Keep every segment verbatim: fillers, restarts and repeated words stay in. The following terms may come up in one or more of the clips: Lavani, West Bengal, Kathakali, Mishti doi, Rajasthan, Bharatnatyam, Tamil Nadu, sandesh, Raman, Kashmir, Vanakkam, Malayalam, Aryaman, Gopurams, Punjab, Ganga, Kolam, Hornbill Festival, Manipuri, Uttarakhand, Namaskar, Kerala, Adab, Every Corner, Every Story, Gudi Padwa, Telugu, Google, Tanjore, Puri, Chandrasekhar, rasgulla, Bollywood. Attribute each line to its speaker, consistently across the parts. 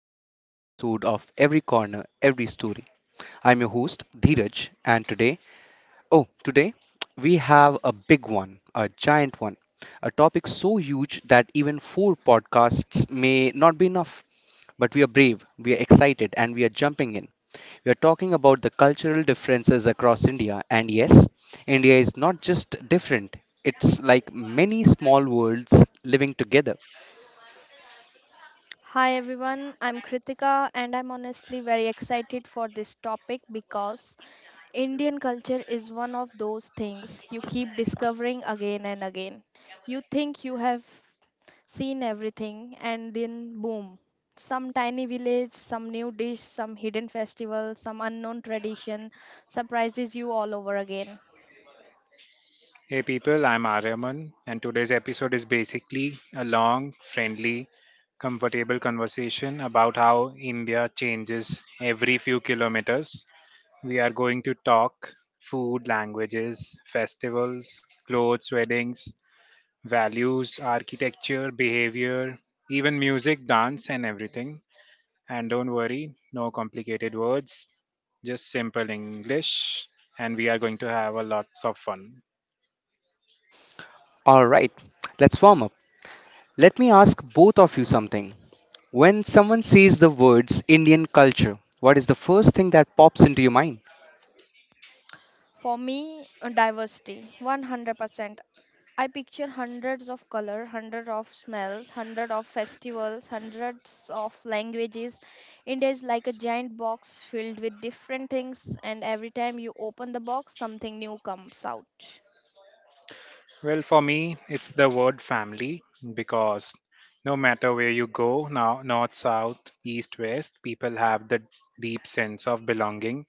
Speaker 1: back to another episode of Every Corner, Every Story. I'm your host Dheeraj, and today, oh, today we have a big one, a giant one, a topic so huge that even four podcasts may not be enough. But we are brave, we are excited, and we are jumping in. We are talking about the cultural differences across India, and yes, India is not just different, it's like many small worlds living together.
Speaker 2: Hi everyone, I'm Kritika and I'm honestly very excited for this topic because Indian culture is one of those things you keep discovering again and again. You think you have seen everything and then boom, some tiny village, some new dish, some hidden festival, some unknown tradition surprises you all over again.
Speaker 3: Hey people, I'm Aryaman, and today's episode is basically a long, friendly, comfortable conversation about how India changes every few kilometers. We are going to talk food, languages, festivals, clothes, weddings, values, architecture, behavior, even music, dance, and everything. And don't worry, no complicated words, just simple English, and we are going to have a lots of fun.
Speaker 1: All right, let's warm up. Let me ask both of you something. When someone says the words Indian culture, what is the first thing that pops into your mind?
Speaker 2: For me, uh, diversity one hundred percent. I picture hundreds of color, hundred of smells, hundred of festivals, hundreds of languages. India is like a giant box filled with different things, and every time you open the box, something new comes out.
Speaker 3: Well, for me, it's the word family because no matter where you go, now north, south, east, west, people have the deep sense of belonging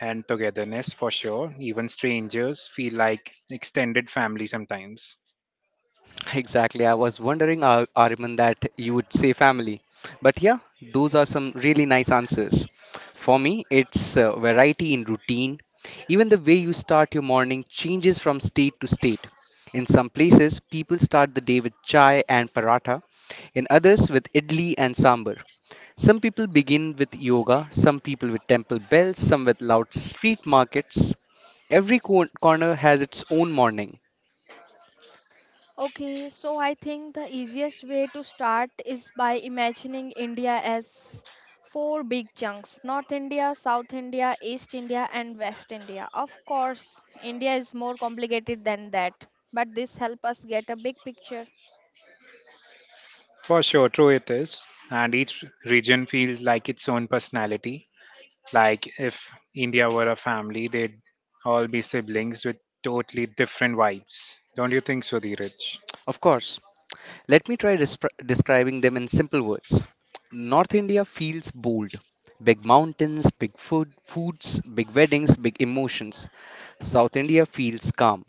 Speaker 3: and togetherness for sure. Even strangers feel like extended family sometimes.
Speaker 1: Exactly. I was wondering, Ar- Arman, that you would say family. But yeah, those are some really nice answers. For me, it's uh, variety in routine. Even the way you start your morning changes from state to state. In some places, people start the day with chai and paratha, in others, with idli and sambar. Some people begin with yoga, some people with temple bells, some with loud street markets. Every cor- corner has its own morning.
Speaker 2: Okay, so I think the easiest way to start is by imagining India as four big chunks: North India, South India, East India, and West India. Of course, India is more complicated than that, but this helps us get a big picture.
Speaker 3: For sure, true it is. And each region feels like its own personality. Like if India were a family, they'd all be siblings with totally different vibes. Don't you think so, Dheeraj?
Speaker 1: Of course, let me try despre- describing them in simple words. North India feels bold. Big mountains, big food, foods, big weddings, big emotions. South India feels calm.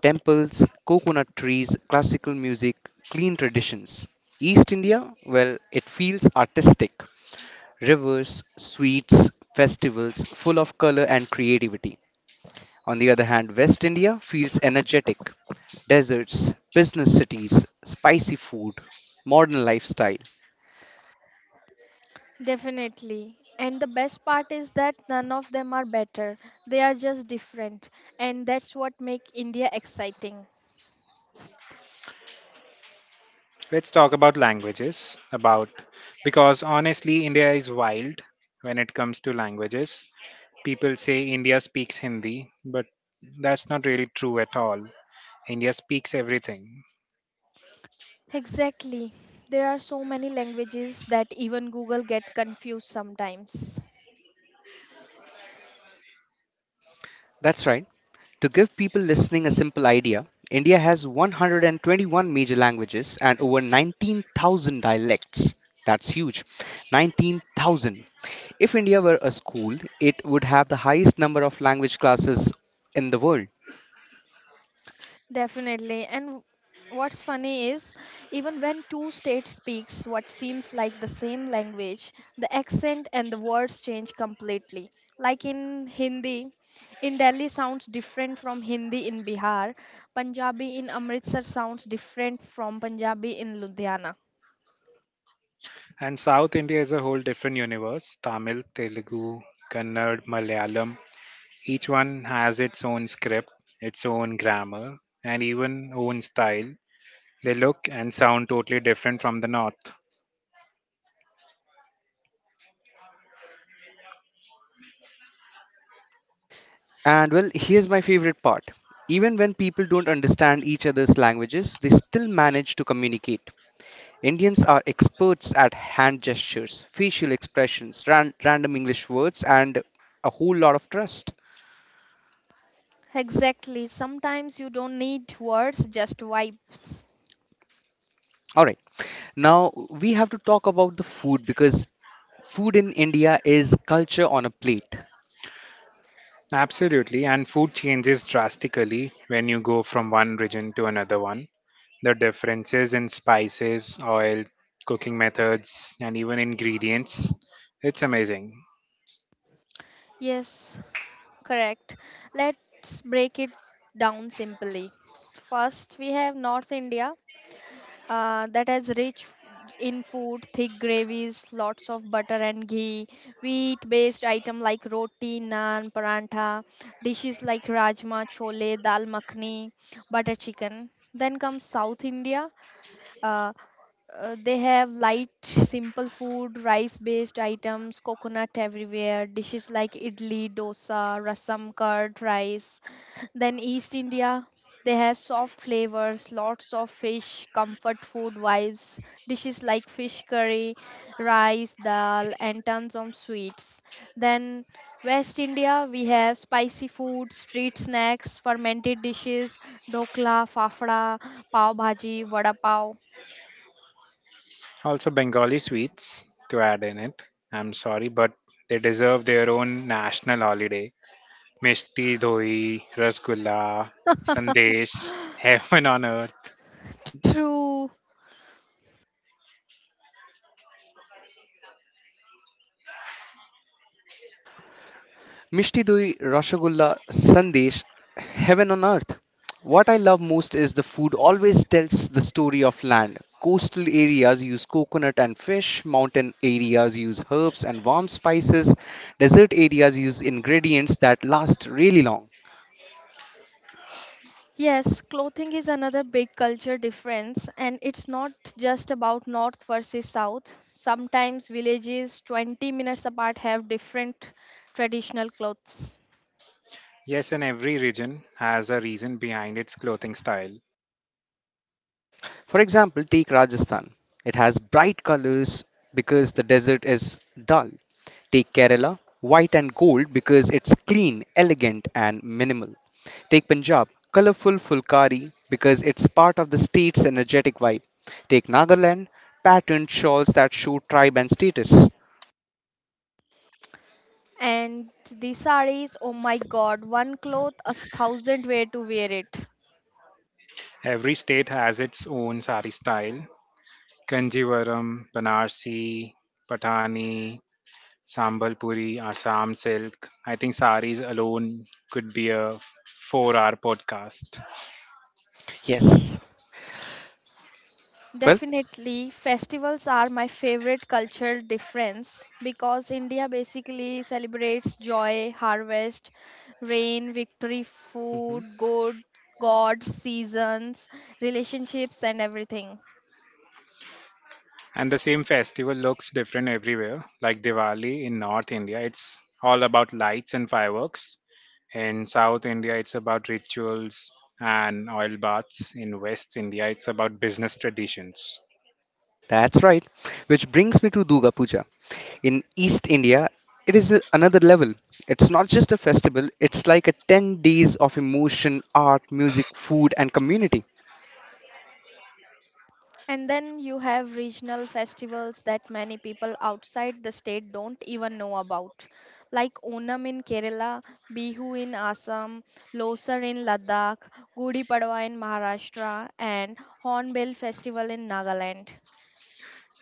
Speaker 1: Temples, coconut trees, classical music, clean traditions. East India, well, it feels artistic. Rivers, sweets, festivals full of color and creativity. On the other hand, West India feels energetic. Deserts, business cities, spicy food, modern lifestyle.
Speaker 2: Definitely. And the best part is that none of them are better. They are just different. And that's what make India exciting.
Speaker 3: Let's talk about languages about because honestly India is wild when it comes to languages. People say India speaks Hindi, but that's not really true at all. India speaks everything.
Speaker 2: Exactly. There are so many languages that even Google get confused sometimes.
Speaker 1: That's right. To give people listening a simple idea, India has one hundred twenty-one major languages and over nineteen thousand dialects. That's huge. nineteen thousand. If India were a school, it would have the highest number of language classes in the world.
Speaker 2: Definitely. And what's funny is even when two states speaks what seems like the same language, the accent and the words change completely. Like in Hindi, in Delhi sounds different from Hindi in Bihar, Punjabi in Amritsar sounds different from Punjabi in Ludhiana.
Speaker 3: And South India is a whole different universe. Tamil, Telugu, Kannad, Malayalam, each one has its own script, its own grammar, and even own style. They look and sound totally different from the north.
Speaker 1: And well, here's my favorite part. Even when people don't understand each other's languages, they still manage to communicate. Indians are experts at hand gestures, facial expressions, ran- random English words, and a whole lot of trust.
Speaker 2: Exactly. Sometimes you don't need words, just vibes.
Speaker 1: All right, now we have to talk about the food because food in India is culture on a plate.
Speaker 3: Absolutely, and food changes drastically when you go from one region to another one. The differences in spices, oil, cooking methods, and even ingredients, it's amazing.
Speaker 2: Yes, correct. Let's break it down simply. First, we have North India uh, that has rich f- in food, thick gravies, lots of butter and ghee, wheat-based item like roti, naan, parantha, dishes like rajma, chole, dal makhani, butter chicken. Then comes South India, uh, uh, they have light, simple food, rice-based items, coconut everywhere, dishes like idli, dosa, rasam, curd, rice. Then East India, they have soft flavors, lots of fish, comfort food vibes, dishes like fish curry, rice, dal, and tons of sweets. Then West India, we have spicy food, street snacks, fermented dishes, dokla, fafda, pav bhaji, vada pav.
Speaker 3: Also, Bengali sweets to add in it. I'm sorry, but they deserve their own national holiday. Mishti doi, rasgulla, sandesh, heaven on earth.
Speaker 2: True.
Speaker 1: Mishti Doi, Rasgulla, Sandesh, heaven on earth. What I love most is the food always tells the story of land. Coastal areas use coconut and fish, mountain areas use herbs and warm spices, desert areas use ingredients that last really long.
Speaker 2: Yes, clothing is another big culture difference, and it's not just about North versus South. Sometimes villages twenty minutes apart have different traditional clothes.
Speaker 3: Yes, and every region has a reason behind its clothing style.
Speaker 1: For example, take Rajasthan. It has bright colors because the desert is dull. Take Kerala, white and gold because it's clean, elegant, and minimal. Take Punjab, colorful fulkari because it's part of the state's energetic vibe. Take Nagaland, patterned shawls that show tribe and status.
Speaker 2: And the sarees, oh my god, one cloth, a thousand way to wear it.
Speaker 3: Every state has its own sari style. Kanjivaram, Banarsi, Patani, Sambal Puri, Assam Silk. I think saris alone could be a four-hour podcast.
Speaker 1: Yes, well,
Speaker 2: Definitely, festivals are my favorite cultural difference because India basically celebrates joy, harvest, rain, victory,
Speaker 1: mhm,
Speaker 2: food, good, gods, seasons, relationships, and everything.
Speaker 3: And the same festival looks different everywhere. Like Diwali in North India, it's all about lights and fireworks. In South India, it's about rituals and oil baths. In West India, it's about business traditions.
Speaker 1: that's right. Which brings me to Durga Puja. In East India, it is a- another level. It's not just a festival, it's like a ten days of emotion, art, music, food, and community.
Speaker 2: And then you have regional festivals that many people outside the state don't even know about, like Onam in Kerala, Bihu in Assam, Losar in Ladakh, Gudi Padwa in Maharashtra, and Hornbill Festival in Nagaland.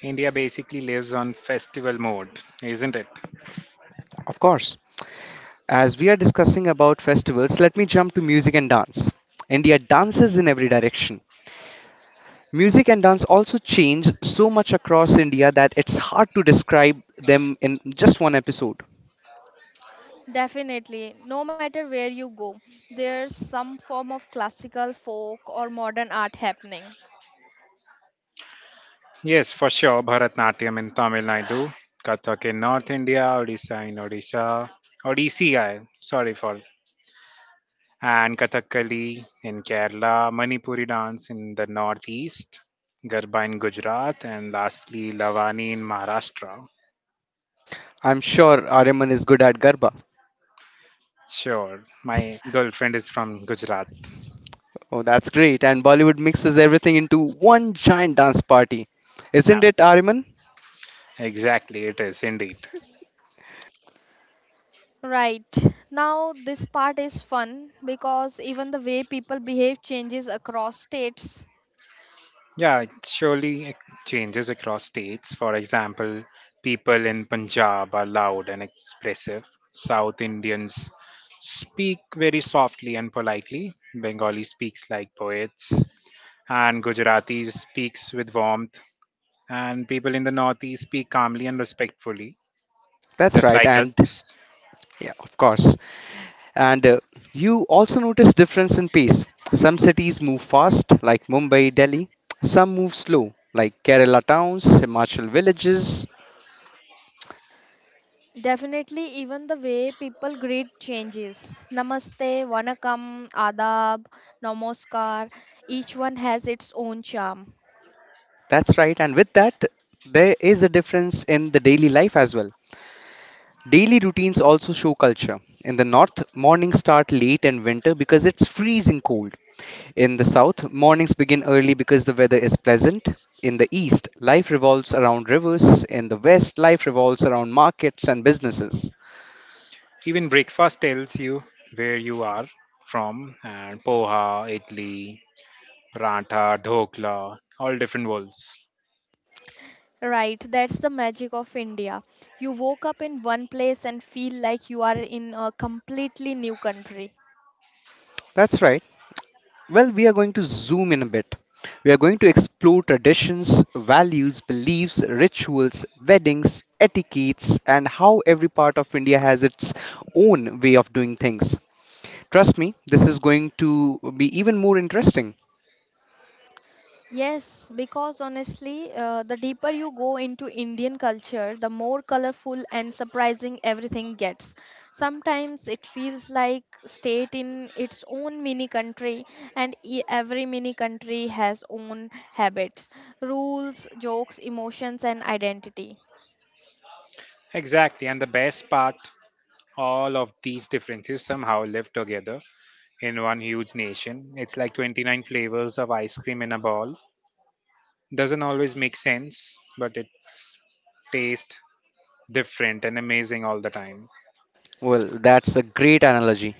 Speaker 3: India basically lives on festival mode, isn't it?
Speaker 1: Of course, as we are discussing about festivals, let me jump to music and dance. India dances in every direction. Music and dance also change so much across India that it's hard to describe them in just one episode.
Speaker 2: Definitely, no matter where you go, there's some form of classical, folk, or modern art happening.
Speaker 3: Yes, for sure. Bharatnatyam in Tamil Nadu, Kathak in North India, Odisha in Odisha, Odissi, I- sorry for, and Kathakali in Kerala, Manipuri dance in the Northeast, Garba in Gujarat, and lastly Lavani in Maharashtra.
Speaker 1: I'm sure Aryaman is good at Garba.
Speaker 3: Sure, my girlfriend is from Gujarat.
Speaker 1: Oh, that's great. And Bollywood mixes everything into one giant dance party. Isn't it,
Speaker 3: Absolutely.
Speaker 1: Aryaman?
Speaker 3: Exactly, it is indeed.
Speaker 2: Right. Now, this part is fun because even the way people behave changes across states.
Speaker 3: Yeah, it surely ac- changes across states. For example, people in Punjab are loud and expressive. South Indians speak very softly and politely. Bengali speaks like poets. And Gujaratis speaks with warmth. And people in the Northeast speak calmly and respectfully,
Speaker 1: That's
Speaker 3: just
Speaker 1: right.
Speaker 3: like
Speaker 1: And
Speaker 3: us.
Speaker 1: yeah, of course. And uh, you also notice difference in pace. Some cities move fast, like Mumbai, Delhi. Some move slow, like Kerala towns, Himachal villages.
Speaker 2: Definitely, even the way people greet changes. Namaste, Vanakkam, Adab, Namaskar. Each one has its own charm.
Speaker 1: That's right. And with that, there is a difference in the daily life as well. Daily routines also show culture. In the north, mornings start late in winter because it's freezing cold. In the south, mornings begin early because the weather is pleasant. In the east, life revolves around rivers. In the west, life revolves around markets and businesses.
Speaker 3: Even breakfast tells you where you are from. And poha, idli, paratha, dhokla, all different worlds.
Speaker 2: Right, that's the magic of India. You woke up in one place and feel like you are in a completely new country.
Speaker 1: That's right. Well, we are going to zoom in a bit. We are going to explore traditions, values, beliefs, rituals, weddings, etiquettes, and how every part of India has its own way of doing things. Trust me, this is going to be even more interesting.
Speaker 2: Yes, because honestly, uh, the deeper you go into Indian culture, the more colorful and surprising everything gets. Sometimes it feels like state in its own mini country, and e- every mini country has own habits, rules, jokes, emotions, and identity.
Speaker 3: Exactly, and the best part, all of these differences somehow live together in one huge nation. It's like twenty-nine flavors of ice cream in a ball. Doesn't always make sense, but it's taste different and amazing all the time.
Speaker 1: Well, that's a great analogy.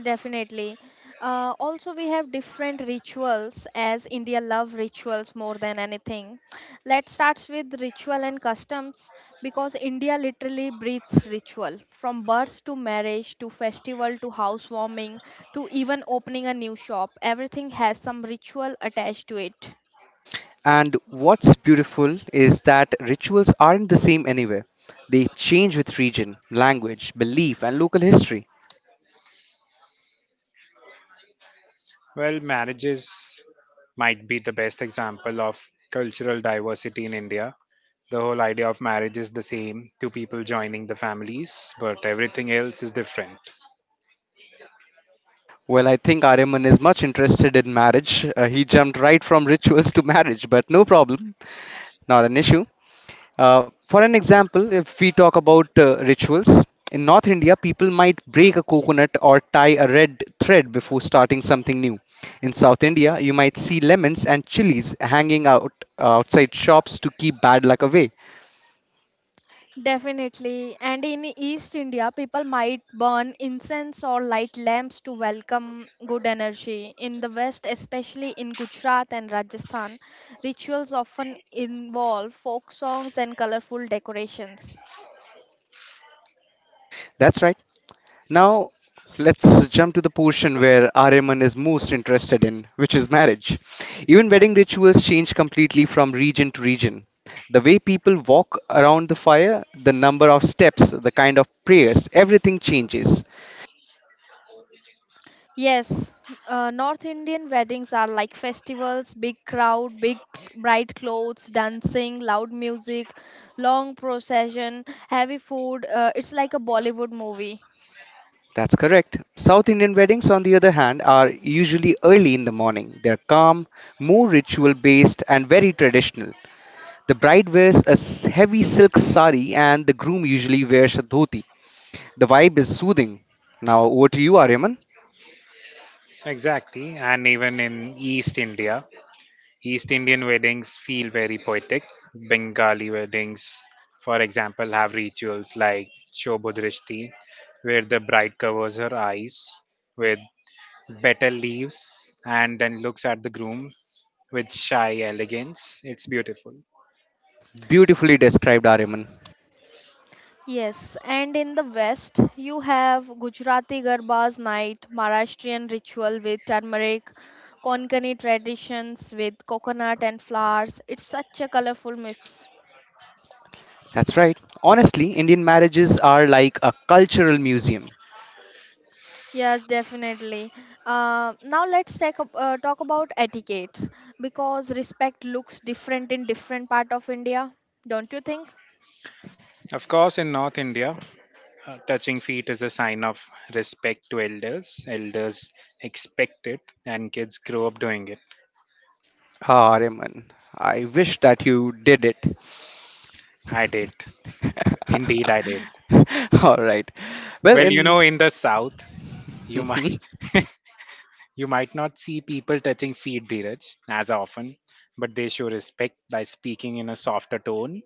Speaker 2: Definitely. Uh, also, we have different rituals as India love rituals more than anything. Let's start with ritual and customs because India literally breathes ritual from birth to marriage to festival to housewarming to even opening a new shop. Everything has some ritual attached to it.
Speaker 1: And what's beautiful is that rituals aren't the same anywhere. They change with region, language, belief, and local history.
Speaker 3: Well, marriages might be the best example of cultural diversity in India. The whole idea of marriage is the same, two people joining the families, but everything else is different.
Speaker 1: Well, I think Aryaman is much interested in marriage. Uh, he jumped right from rituals to marriage, but no problem, not an issue. Uh, for an example, if we talk about uh, rituals, in North India, people might break a coconut or tie a red thread before starting something new. In South India, you might see lemons and chilies hanging out uh, outside shops to keep bad luck away.
Speaker 2: Definitely. And in East India, people might burn incense or light lamps to welcome good energy. In the West, especially in Gujarat and Rajasthan, rituals often involve folk songs and colorful decorations.
Speaker 1: That's right. Now, let's jump to the portion where Aryaman is most interested in, which is marriage. Even wedding rituals change completely from region to region. The way people walk around the fire, the number of steps, the kind of prayers, everything changes.
Speaker 2: Yes, uh, North Indian weddings are like festivals, big crowd, big cl- bright clothes, dancing, loud music, long procession, heavy food. Uh, it's like a Bollywood movie.
Speaker 1: That's correct. South Indian weddings, on the other hand, are usually early in the morning. They're calm, more ritual based, and very traditional. The bride wears a s- heavy silk sari, and the groom usually wears a dhoti. The vibe is soothing. Now over to you, Aryaman.
Speaker 3: Exactly, and even in East India, East Indian weddings feel very poetic. Bengali weddings, for example, have rituals like Shobhodrishti, where the bride covers her eyes with betel leaves and then looks at the groom with shy elegance. It's beautiful.
Speaker 1: Beautifully described, Aryaman.
Speaker 2: Yes, and in the West, you have Gujarati Garba's night, Maharashtrian ritual with turmeric, Konkani traditions with coconut and flowers. It's such a colorful mix.
Speaker 1: That's right. Honestly, Indian marriages are like a cultural museum.
Speaker 2: Yes, definitely. Uh, now let's take up, uh, talk about etiquette because respect looks different in different part of India, don't you think?
Speaker 3: Of course, in North India, uh, touching feet is a sign of respect to elders. Elders expect it, and kids grow up doing it.
Speaker 1: Ah, Aryaman, I wish that you did it.
Speaker 3: I did. Indeed, I did.
Speaker 1: All right. Well,
Speaker 3: Well, you
Speaker 1: in
Speaker 3: know, in the South, you might You might not see people touching feet, Dheeraj, as often, but they show respect by speaking in a softer tone,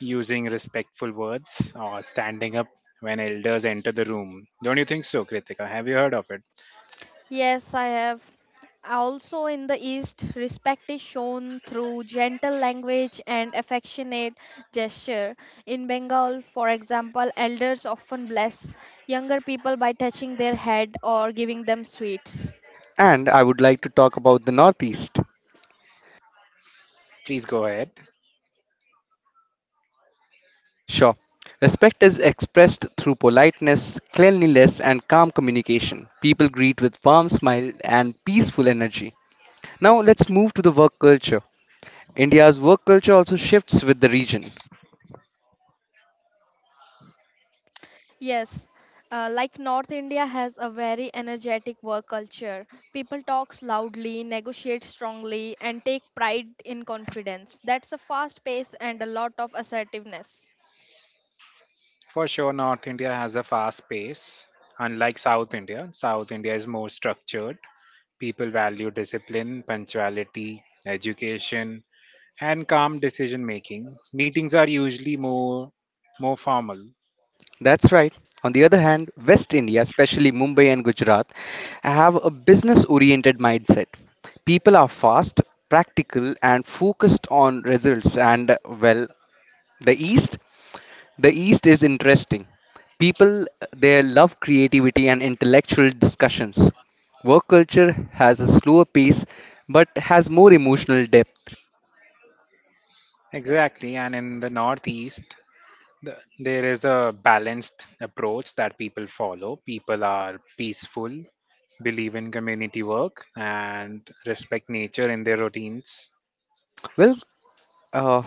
Speaker 3: using respectful words, or standing up when elders enter the room. Don't you think so, Kritika? Have you heard of it?
Speaker 2: Yes, I have. Also in the East, respect is shown through gentle language and affectionate gesture. In Bengal, for example, elders often bless younger people by touching their head or giving them sweets.
Speaker 1: and I would like to talk about the Northeast.
Speaker 3: Please go ahead.
Speaker 1: Sure. Respect is expressed through politeness, cleanliness, and calm communication. People greet with warm smile and peaceful energy. Now let's move to the work culture. India's work culture also shifts with the region.
Speaker 2: Yes, uh, like North India has a very energetic work culture. People talks loudly, negotiate strongly, and take pride in confidence. That's a fast pace and a lot of assertiveness.
Speaker 3: For sure, North India has a fast pace. Unlike South India, South India is more structured. People value discipline, punctuality, education, and calm decision making. Meetings are usually more more formal.
Speaker 1: That's right. On the other hand, West India, especially Mumbai and Gujarat, have a business oriented mindset. People are fast, practical, and focused on results, and well, the East the East is interesting. People there love creativity and intellectual discussions. Work culture has a slower pace but has more emotional depth.
Speaker 3: Exactly, and in the Northeast, the, there is a balanced approach that people follow. People are peaceful, believe in community work, and respect nature in their routines.
Speaker 1: Well, uh,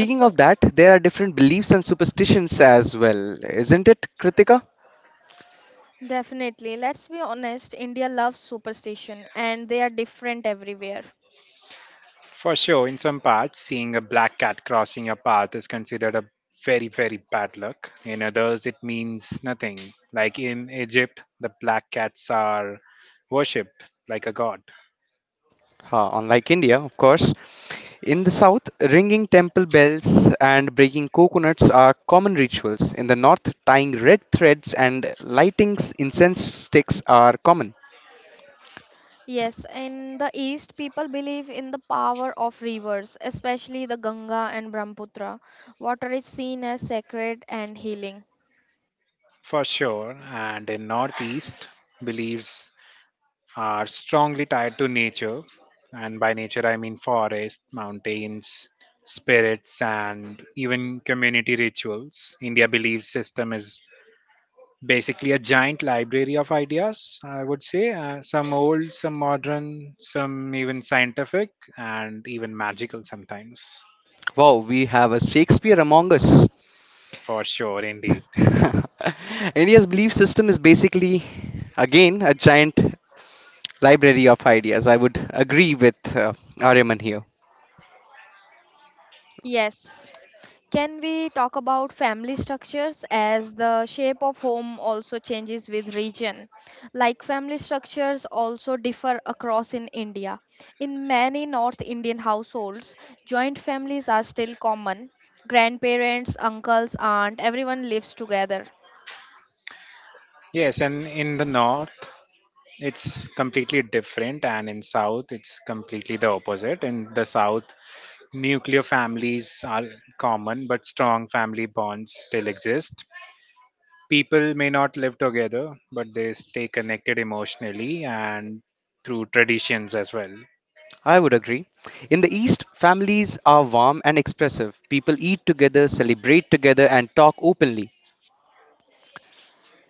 Speaker 2: Uh, So.
Speaker 1: of that, there are different beliefs and superstitions as well, isn't it, Kritika?
Speaker 2: Definitely. Let's be honest, India loves superstition and they are different everywhere.
Speaker 3: For sure, in some parts, seeing a black cat crossing your path is considered a very, very bad luck. In others, it means nothing. Like in Egypt, the black cats are worshipped like a god.
Speaker 1: Huh, unlike India, of course. In the south, ringing temple bells and breaking coconuts are common rituals. In the north, tying red threads and lighting incense sticks are common.
Speaker 2: Yes, in the East, people believe in the power of rivers, especially the Ganga and Brahmaputra. Water is seen as sacred and healing.
Speaker 3: For sure, and in Northeast, beliefs are strongly tied to nature. And by nature, I mean forests, mountains, spirits, and even community rituals. India belief system is basically a giant library of ideas, I would say. Uh, some old, some modern, some even scientific, and even magical sometimes.
Speaker 1: Wow, we have a Shakespeare among us.
Speaker 3: For sure, indeed.
Speaker 1: India's belief system is basically, again, a giant library of ideas. I would agree with uh, Aryaman here.
Speaker 2: Yes, can we talk about family structures as the shape of home also changes with region? Like family structures also differ across in India. In many North Indian households, joint families are still common. Grandparents, uncles, aunt, everyone lives together.
Speaker 3: Yes, and in the north, it's completely different, and in south, it's completely the opposite. In the south, nuclear families are common, but strong family bonds still exist. People may not live together, but they stay connected emotionally and through traditions as well.
Speaker 1: I would agree. In the East, families are warm and expressive. People eat together, celebrate together, and talk openly.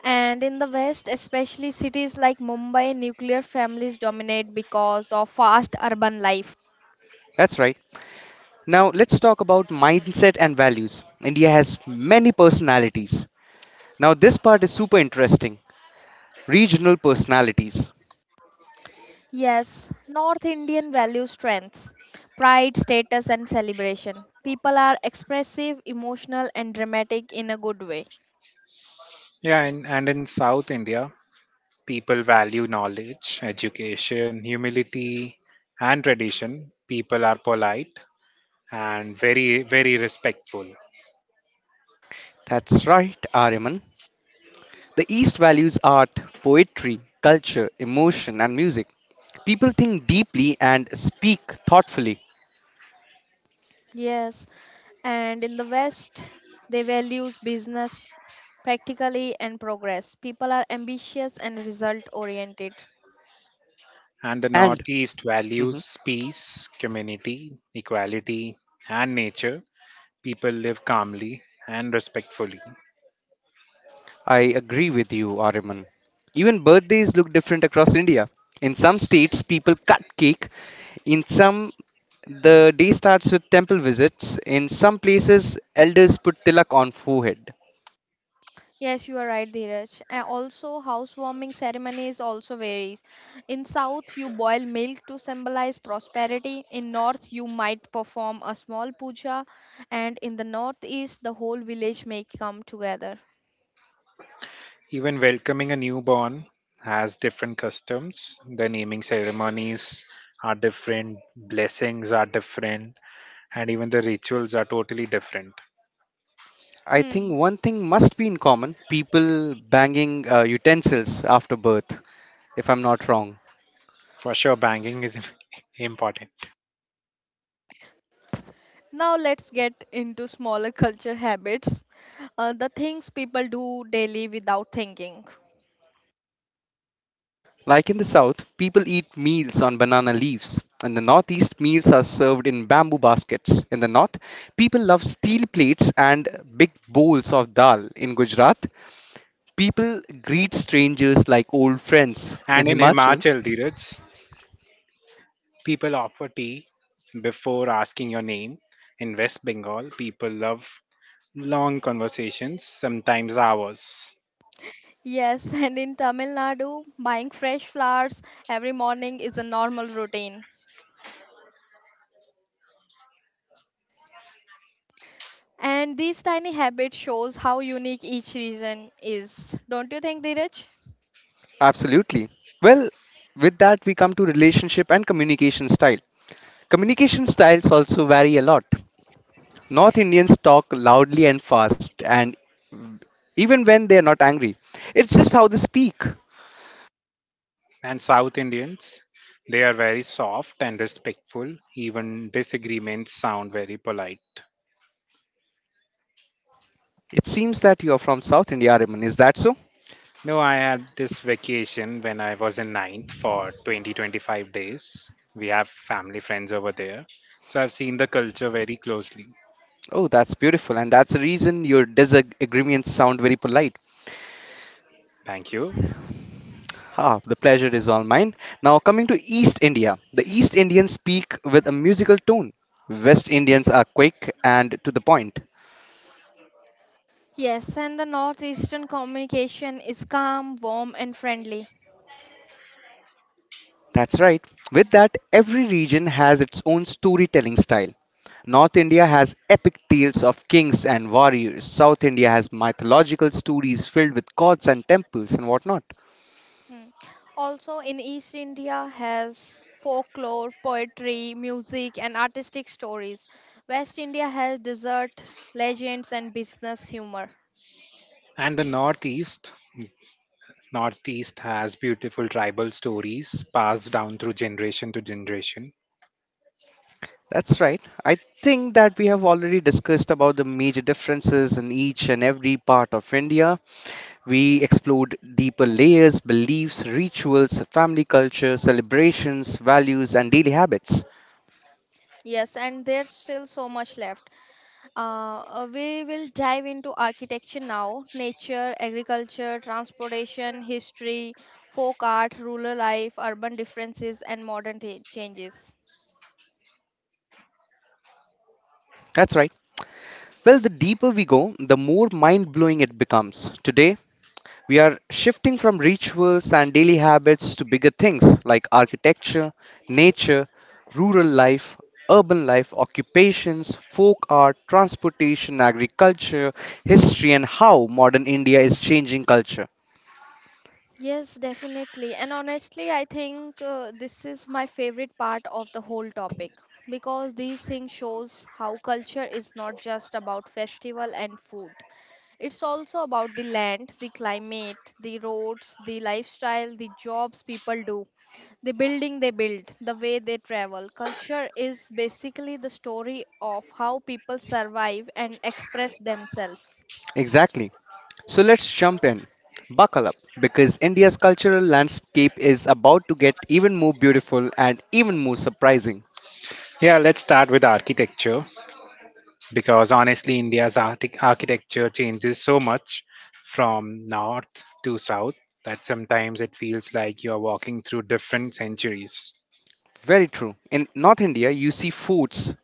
Speaker 2: And in the West, especially cities like Mumbai, nuclear families dominate because of fast urban life.
Speaker 1: That's right. Now, let's talk about mindset and values. India has many personalities. Now, this part is super interesting regional personalities.
Speaker 2: Yes, North Indian value strengths pride, status, and celebration. People are expressive, emotional, and dramatic in a good way.
Speaker 3: Yeah, and, and in South India, people value knowledge, education, humility, and tradition. People are polite and very, very respectful.
Speaker 1: That's right, Aryaman. The East values art, poetry, culture, emotion, and music. People think deeply and speak thoughtfully.
Speaker 2: Yes, and in the West, they values business practically and progress. People are ambitious and result oriented.
Speaker 3: And the
Speaker 1: And
Speaker 3: Northeast
Speaker 1: mhm.
Speaker 3: values peace, community, equality, and nature. People live calmly and respectfully.
Speaker 1: I agree with you, Ariman. Even birthdays look different across India. In some states, people cut cake. In some, the day starts with temple visits. In some places, elders put tilak on forehead.
Speaker 2: Yes, you are right, Dheeraj. And also, housewarming ceremonies also varies. In South, you boil milk to symbolize prosperity. In North, you might perform a small puja, and in the Northeast, the whole village may come together.
Speaker 3: Even welcoming a newborn has different customs. The naming ceremonies are different, blessings are different, and even the rituals are totally different.
Speaker 1: I think
Speaker 2: Hmm.
Speaker 1: one thing must be in common people banging uh, utensils after birth, if I'm not wrong.
Speaker 3: For sure, banking is important.
Speaker 2: Now let's get into smaller culture habits, uh, the things people do daily without thinking.
Speaker 1: Like in the South, people eat meals on banana leaves. In the Northeast, meals are served in bamboo baskets. In the North, people love steel plates and big bowls of dal. In Gujarat, people greet strangers like old friends. In
Speaker 3: And in
Speaker 1: Himachal,
Speaker 3: Himachal, Dheeraj, people offer tea before asking your name. In West Bengal, people love long conversations, sometimes hours.
Speaker 2: Yes, and in Tamil Nadu, buying fresh flowers every morning is a normal routine. And these tiny habits shows how unique each region is. Don't you think, Dheeraj?
Speaker 1: absolutely. Well, with that, we come to relationship and communication style. Communication styles also vary a lot. North Indians talk loudly and fast, and even when they are not angry, it's just how they speak.
Speaker 3: And South Indians, they are very soft and respectful. Even disagreements sound very polite.
Speaker 1: It seems that you're from South India, Raman. Is that so?
Speaker 3: No, I had this vacation when I was in ninth for twenty twenty five days. We have family friends over there. So I've seen the culture very closely.
Speaker 1: Oh, that's beautiful. And that's the reason your disagreements sound very polite.
Speaker 3: Thank you.
Speaker 1: Ah, the pleasure is all mine. Now, coming to East India, the East Indians speak with a musical tone. West Indians are quick and to the point.
Speaker 2: Yes, and the northeastern communication is calm, warm, and friendly.
Speaker 1: That's right. With that, every region has its own storytelling style. North India has epic tales of kings and warriors. South India has mythological stories filled with gods and temples and whatnot.
Speaker 2: Hmm. Also, in East India has folklore, poetry, music, and artistic stories. West India has desert, legends, and business humor.
Speaker 3: And the Northeast. Northeast has beautiful tribal stories passed down through generation to generation.
Speaker 1: That's right. I think that we have already discussed about the major differences in each and every part of India. We explored deeper layers, beliefs, rituals, family culture, celebrations, values, and daily habits.
Speaker 2: Yes, and there's still so much left. Uh, uh, we will dive into architecture now nature, agriculture, transportation, history, folk art, rural life, urban differences, and modern ta- changes.
Speaker 1: That's right. Well, the deeper we go, the more mind blowing it becomes. Today, we are shifting from rituals and daily habits to bigger things like architecture, nature, rural life, urban life, occupations, folk art, transportation, agriculture, history, and how modern India is changing culture.
Speaker 2: Yes, definitely. And honestly, I think uh, this is my favorite part of the whole topic because these things shows how culture is not just about festival and food. It's also about the land, the climate, the roads, the lifestyle, the jobs people do, the building they build, the way they travel. Culture is basically the story of how people survive and express themselves.
Speaker 1: Exactly. So let's jump in. Buckle up because India's cultural landscape is about to get even more beautiful and even more surprising.
Speaker 3: Yeah, let's start with architecture, because honestly, India's archi- architecture changes so much from north to south that sometimes it feels like you're walking through different centuries.
Speaker 1: Very true. In North India, you see foods,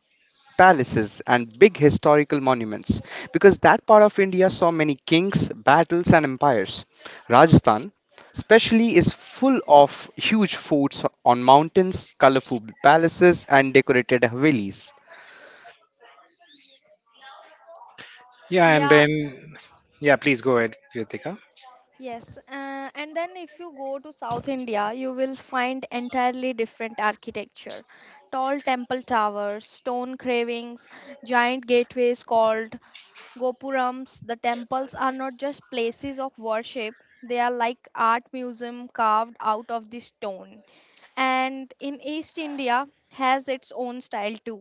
Speaker 1: palaces and big historical monuments because that part of India saw many kings, battles, and empires. Rajasthan, especially, is full of huge forts on mountains, colorful palaces, and decorated havelis.
Speaker 3: Yeah, and
Speaker 2: Yeah,
Speaker 3: then, yeah, please go ahead, Kritika.
Speaker 2: yes. Uh, and then if you go to South India, you will find entirely different architecture. Tall temple towers, stone carvings, giant gateways called Gopurams, the temples are not just places of worship, they are like art museum carved out of the stone. And in East India has its own style too.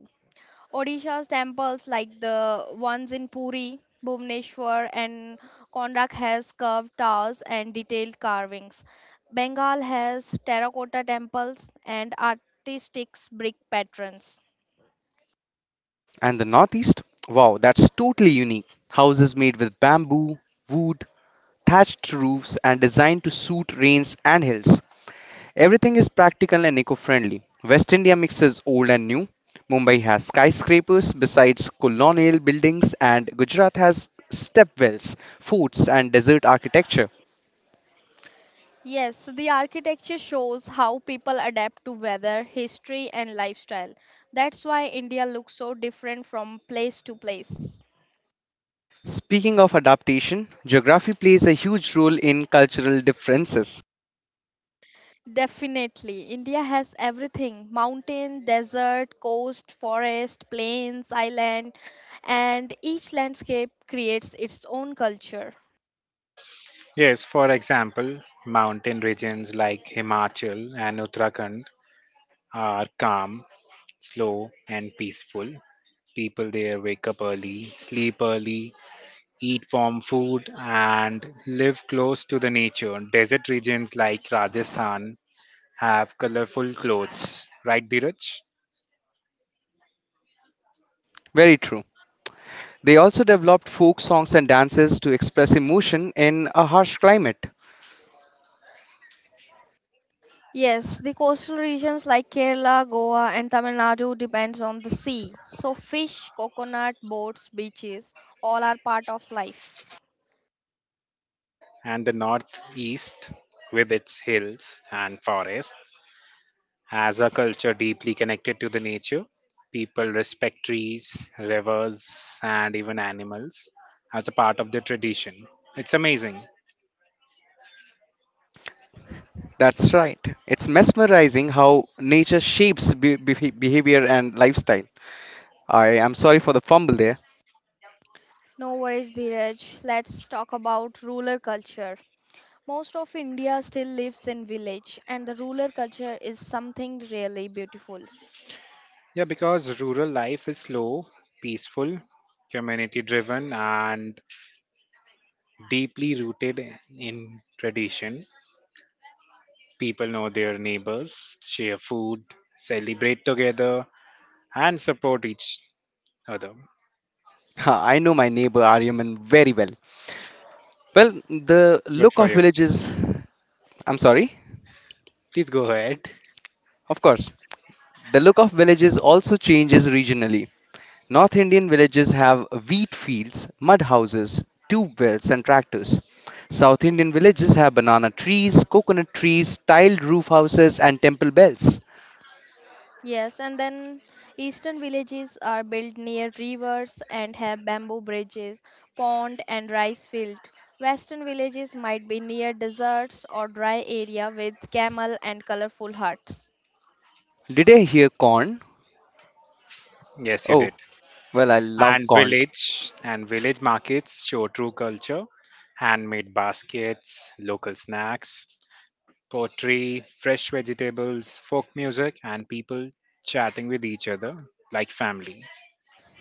Speaker 2: Odisha's temples like the ones in Puri, Bhubaneswar and Konark, has curved towers and detailed carvings. Bengal has terracotta temples and artistic brick patterns.
Speaker 1: And the Northeast? Wow, that's totally unique. Houses made with bamboo, wood, thatched roofs, and designed to suit rains and hills. Everything is practical and eco friendly. West India mixes old and new. Mumbai has skyscrapers besides colonial buildings, and Gujarat has stepwells, forts, and desert architecture.
Speaker 2: Yes, so the architecture shows how people adapt to weather, history, and lifestyle. That's why India looks so different from place to place.
Speaker 1: Speaking of adaptation, geography plays a huge role in cultural differences.
Speaker 2: Definitely, India has everything mountain, desert, coast, forest, plains, island, and each landscape creates its own culture.
Speaker 3: Yes, for example, mountain regions like Himachal and Uttarakhand are calm, slow, and peaceful. People there wake up early, sleep early, eat farm food, and live close to the nature. Desert regions like Rajasthan have colorful clothes, right, Dheeraj?
Speaker 1: Very true. They also developed folk songs and dances to express emotion in a harsh climate.
Speaker 2: Yes, the coastal regions like Kerala, Goa, and Tamil Nadu depends on the sea. So fish, coconut, boats, beaches, all are part of life.
Speaker 3: And the northeast, with its hills and forests, has a culture deeply connected to the nature. People respect trees, rivers, and even animals as a part of their tradition. It's amazing.
Speaker 1: That's right. It's mesmerizing how nature shapes be- behavior and lifestyle. I am sorry for the fumble there.
Speaker 2: No worries, Dheeraj. Let's talk about rural culture. Most of India still lives in village, and the rural culture is something really beautiful.
Speaker 3: Yeah, because rural life is slow, peaceful, community driven, and deeply rooted in tradition. People know their neighbors, share food, celebrate together, and support each other.
Speaker 1: Ha, I know my neighbor Aryaman very well. Well, the
Speaker 3: Good
Speaker 1: look
Speaker 3: for
Speaker 1: of
Speaker 3: you.
Speaker 1: villages, I'm sorry,
Speaker 3: Please go ahead.
Speaker 1: of course, the look of villages also changes regionally. North Indian villages have wheat fields, mud houses, tube wells, and tractors. South Indian villages have banana trees, coconut trees, tiled roof houses, and temple bells.
Speaker 2: Yes, and then eastern villages are built near rivers and have bamboo bridges, pond, and rice field. Western villages might be near deserts or dry area with camel and colorful huts.
Speaker 1: Did I hear corn?
Speaker 3: Yes, you
Speaker 1: Oh,
Speaker 3: did.
Speaker 1: well, I love
Speaker 3: And
Speaker 1: corn.
Speaker 3: village and village markets show true culture. Handmade baskets, local snacks, pottery, fresh vegetables, folk music, and people chatting with each other like family.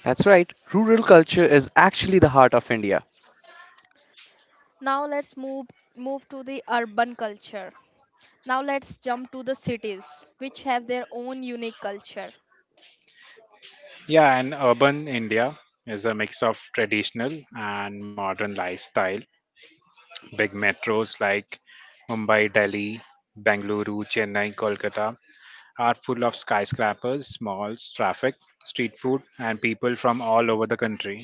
Speaker 1: That's right, rural culture is actually the heart of India.
Speaker 2: Now let's move move to the urban culture. Now let's jump to the cities, which have their own unique culture.
Speaker 3: Yeah, and urban India is a mix of traditional and modern lifestyle. Big metros like Mumbai, Delhi, Bengaluru, Chennai, Kolkata are full of skyscrapers, malls, traffic, street food, and people from all over the country.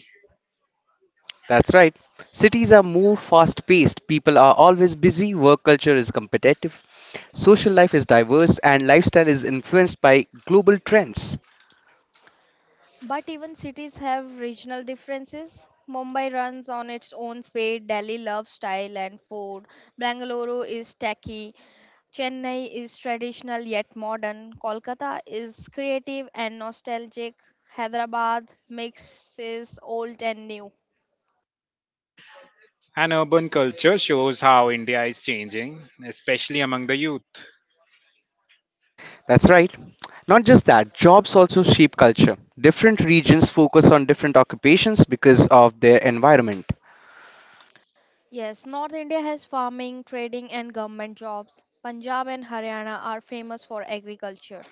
Speaker 1: That's right. Cities are more fast paced, people are always busy, work culture is competitive, social life is diverse, and lifestyle is influenced by global trends.
Speaker 2: But even cities have regional differences. Mumbai runs on its own speed, Delhi loves style and food, Bangalore is tacky, Chennai is traditional yet modern, Kolkata is creative and nostalgic, Hyderabad mixes old and new.
Speaker 3: And urban culture shows how India is changing, especially among the youth.
Speaker 1: That's right. Not just that, jobs also shape culture. Different regions focus on different occupations because of their environment.
Speaker 2: Yes, North India has farming, trading, and government jobs. Punjab and Haryana are famous for agriculture.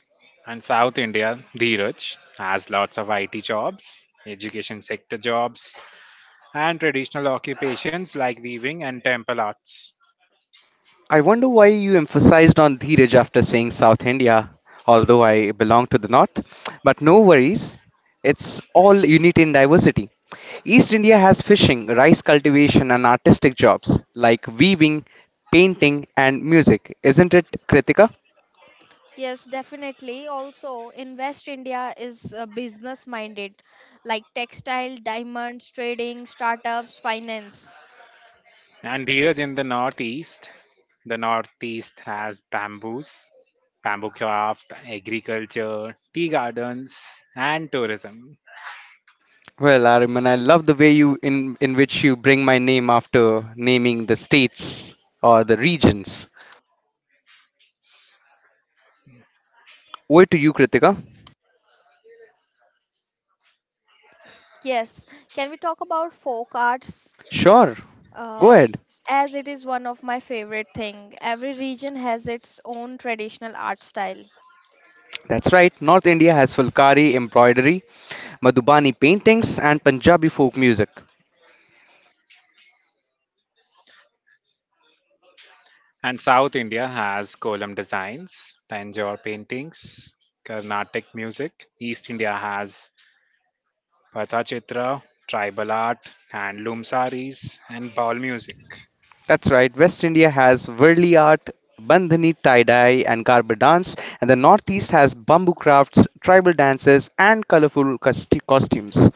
Speaker 3: And South India, Dheeraj, has lots of I T jobs, education sector jobs, and traditional occupations like weaving and temple arts.
Speaker 1: I wonder why you emphasized on Dheeraj after saying South India, although I belong to the North. But no worries, it's all unity in diversity. East India has fishing, rice cultivation, and artistic jobs like weaving, painting, and music. Isn't it, Kritika?
Speaker 2: Yes, definitely. Also, in West India is uh, business minded, like textile, diamonds, trading, startups, finance.
Speaker 3: And here in the Northeast, the Northeast has bamboos, bamboo craft, agriculture, tea gardens, and tourism.
Speaker 1: Well, Ariman, I love the way you in, in which you bring my name after naming the states or the regions. Over to you, Kritika.
Speaker 2: Yes, can we talk about folk arts?
Speaker 1: Sure, go
Speaker 2: Uh,
Speaker 1: ahead.
Speaker 2: as it is one of my favorite thing. Every region has its own traditional art style.
Speaker 1: That's right, North India has Fulkari embroidery, Madhubani paintings, and Punjabi folk music.
Speaker 3: And South India has Kolam designs, Tanjore paintings, Carnatic music. East India has Pathachitra, tribal art, handloom saris, and ball music.
Speaker 1: That's right, West India has Varli art, Bandhani tie dye, and Garba dance, and the Northeast has bamboo crafts, tribal dances, and colorful costi- costumes.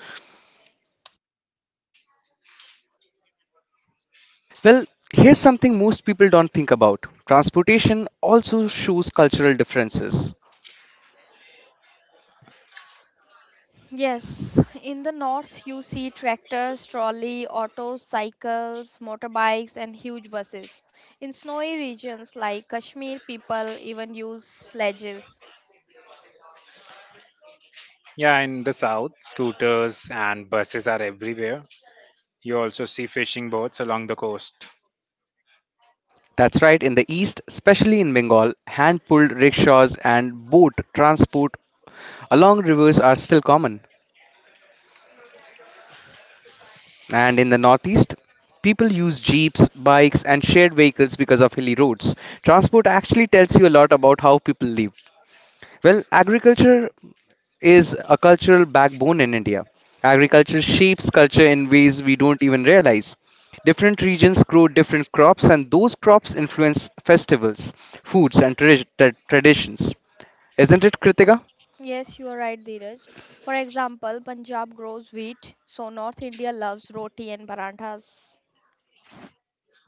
Speaker 1: Well, here's something most people don't think about transportation also shows cultural differences.
Speaker 2: Yes, in the north you see tractors, trolley, autos, cycles, motorbikes, and huge buses. In snowy regions like Kashmir, people even use sledges.
Speaker 3: Yeah, in the south, scooters and buses are everywhere. You also see fishing boats along the coast.
Speaker 1: That's right, in the East, especially in Bengal, hand pulled rickshaws and boat transport along rivers are still common. And in the Northeast, people use jeeps, bikes, and shared vehicles because of hilly roads. Transport actually tells you a lot about how people live. Well, agriculture is a cultural backbone in India. Agriculture shapes culture in ways we don't even realize. Different regions grow different crops, and those crops influence festivals, foods, and tradi- tra- traditions. Isn't it, Kritika?
Speaker 2: Yes, you are right, Dheeraj. For example, Punjab grows wheat, so North India loves roti and paranthas.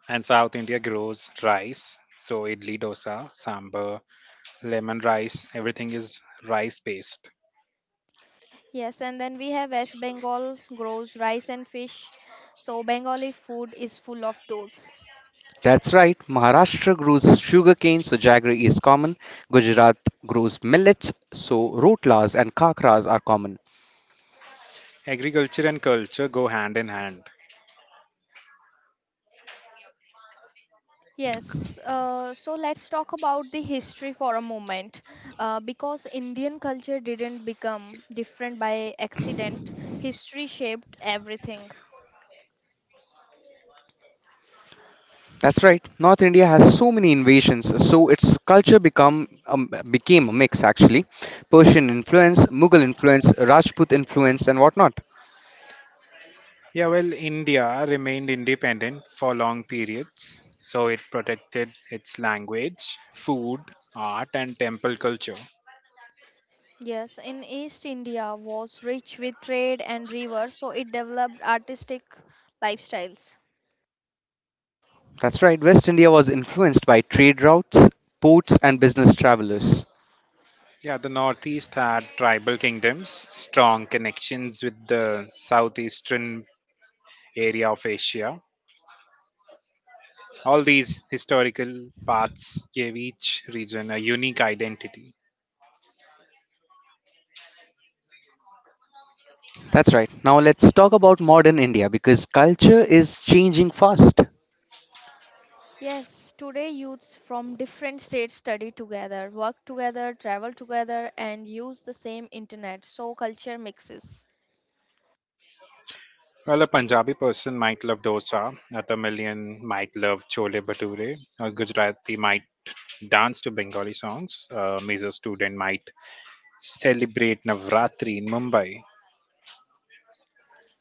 Speaker 3: And South India grows rice. So idli dosa, sambar, lemon rice, everything is rice based.
Speaker 2: Yes, and then we have West Bengal grows rice and fish, so Bengali food is full of those.
Speaker 1: That's right. Maharashtra grows sugarcane, so jaggery is common. Gujarat grows millets, so rotlas and kakras are common.
Speaker 3: Agriculture and culture go hand in hand.
Speaker 2: Yes, uh, so let's talk about the history for a moment. Uh, because Indian culture didn't become different by accident, history shaped everything.
Speaker 1: That's right. North India has so many invasions, so its culture become um, became a mix actually. Persian influence, Mughal influence, Rajput influence, and whatnot.
Speaker 3: Yeah, well, India remained independent for long periods. So it protected its language, food, art, and temple culture.
Speaker 2: Yes, in East India was rich with trade and rivers, so it developed artistic lifestyles.
Speaker 1: That's right. West India was influenced by trade routes, ports, and business travelers.
Speaker 3: Yeah, the Northeast had tribal kingdoms, strong connections with the Southeastern area of Asia. All these historical paths gave each region a unique identity.
Speaker 1: That's right. Now let's talk about modern India because culture is changing fast.
Speaker 2: Yes, today youths from different states study together, work together, travel together, and use the same internet, so culture mixes.
Speaker 3: Well, a Punjabi person might love dosa, a Tamilian might love chole bhature, a Gujarati might dance to Bengali songs, a Mizo student might celebrate Navratri in Mumbai.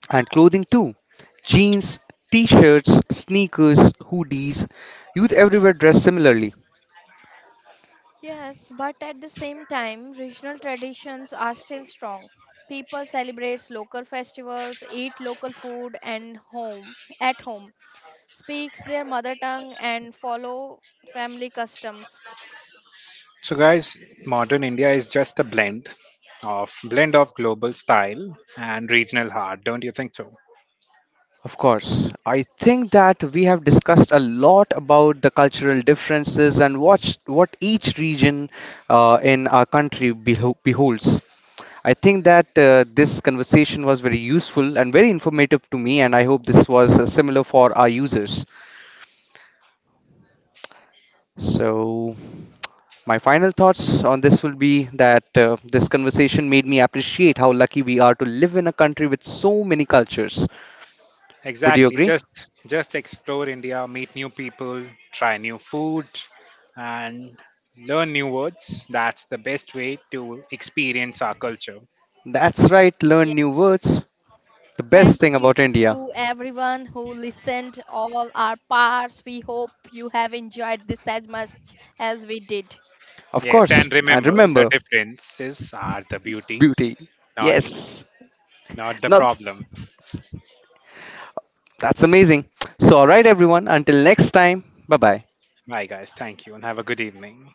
Speaker 1: And clothing too. Jeans, t-shirts, sneakers, hoodies, youth everywhere dress similarly.
Speaker 2: Yes, but at the same time, regional traditions are still strong. People celebrate local festivals, eat local food and home at home, speaks their mother tongue and follow family customs.
Speaker 3: So, guys, modern India is just a blend of blend of global style and regional heart. Don't you think so?
Speaker 1: Of course, I think that we have discussed a lot about the cultural differences and what what each region uh, in our country beho- beholds. I think that uh, this conversation was very useful and very informative to me, and I hope this was uh, similar for our users. So, my final thoughts on this will be that uh, this conversation made me appreciate how lucky we are to live in a country with so many cultures. Would you
Speaker 3: Exactly.
Speaker 1: agree?
Speaker 3: Just just explore India, meet new people, try new food, and learn new words. That's the best way to experience our culture.
Speaker 1: That's right, learn new words. The
Speaker 2: Thank
Speaker 1: best thing
Speaker 2: you
Speaker 1: about India.
Speaker 2: to everyone who listened all our parts. We hope you have enjoyed this as much as we did.
Speaker 1: Of
Speaker 3: Yes,
Speaker 1: course,
Speaker 3: and
Speaker 1: and
Speaker 3: remember the
Speaker 1: remember,
Speaker 3: differences are the beauty,
Speaker 1: beauty.
Speaker 3: not
Speaker 1: Yes.
Speaker 3: not the
Speaker 1: No,
Speaker 3: problem.
Speaker 1: that's amazing. So, alright, everyone, until next time, bye bye.
Speaker 3: Bye guys, thank you and have a good evening.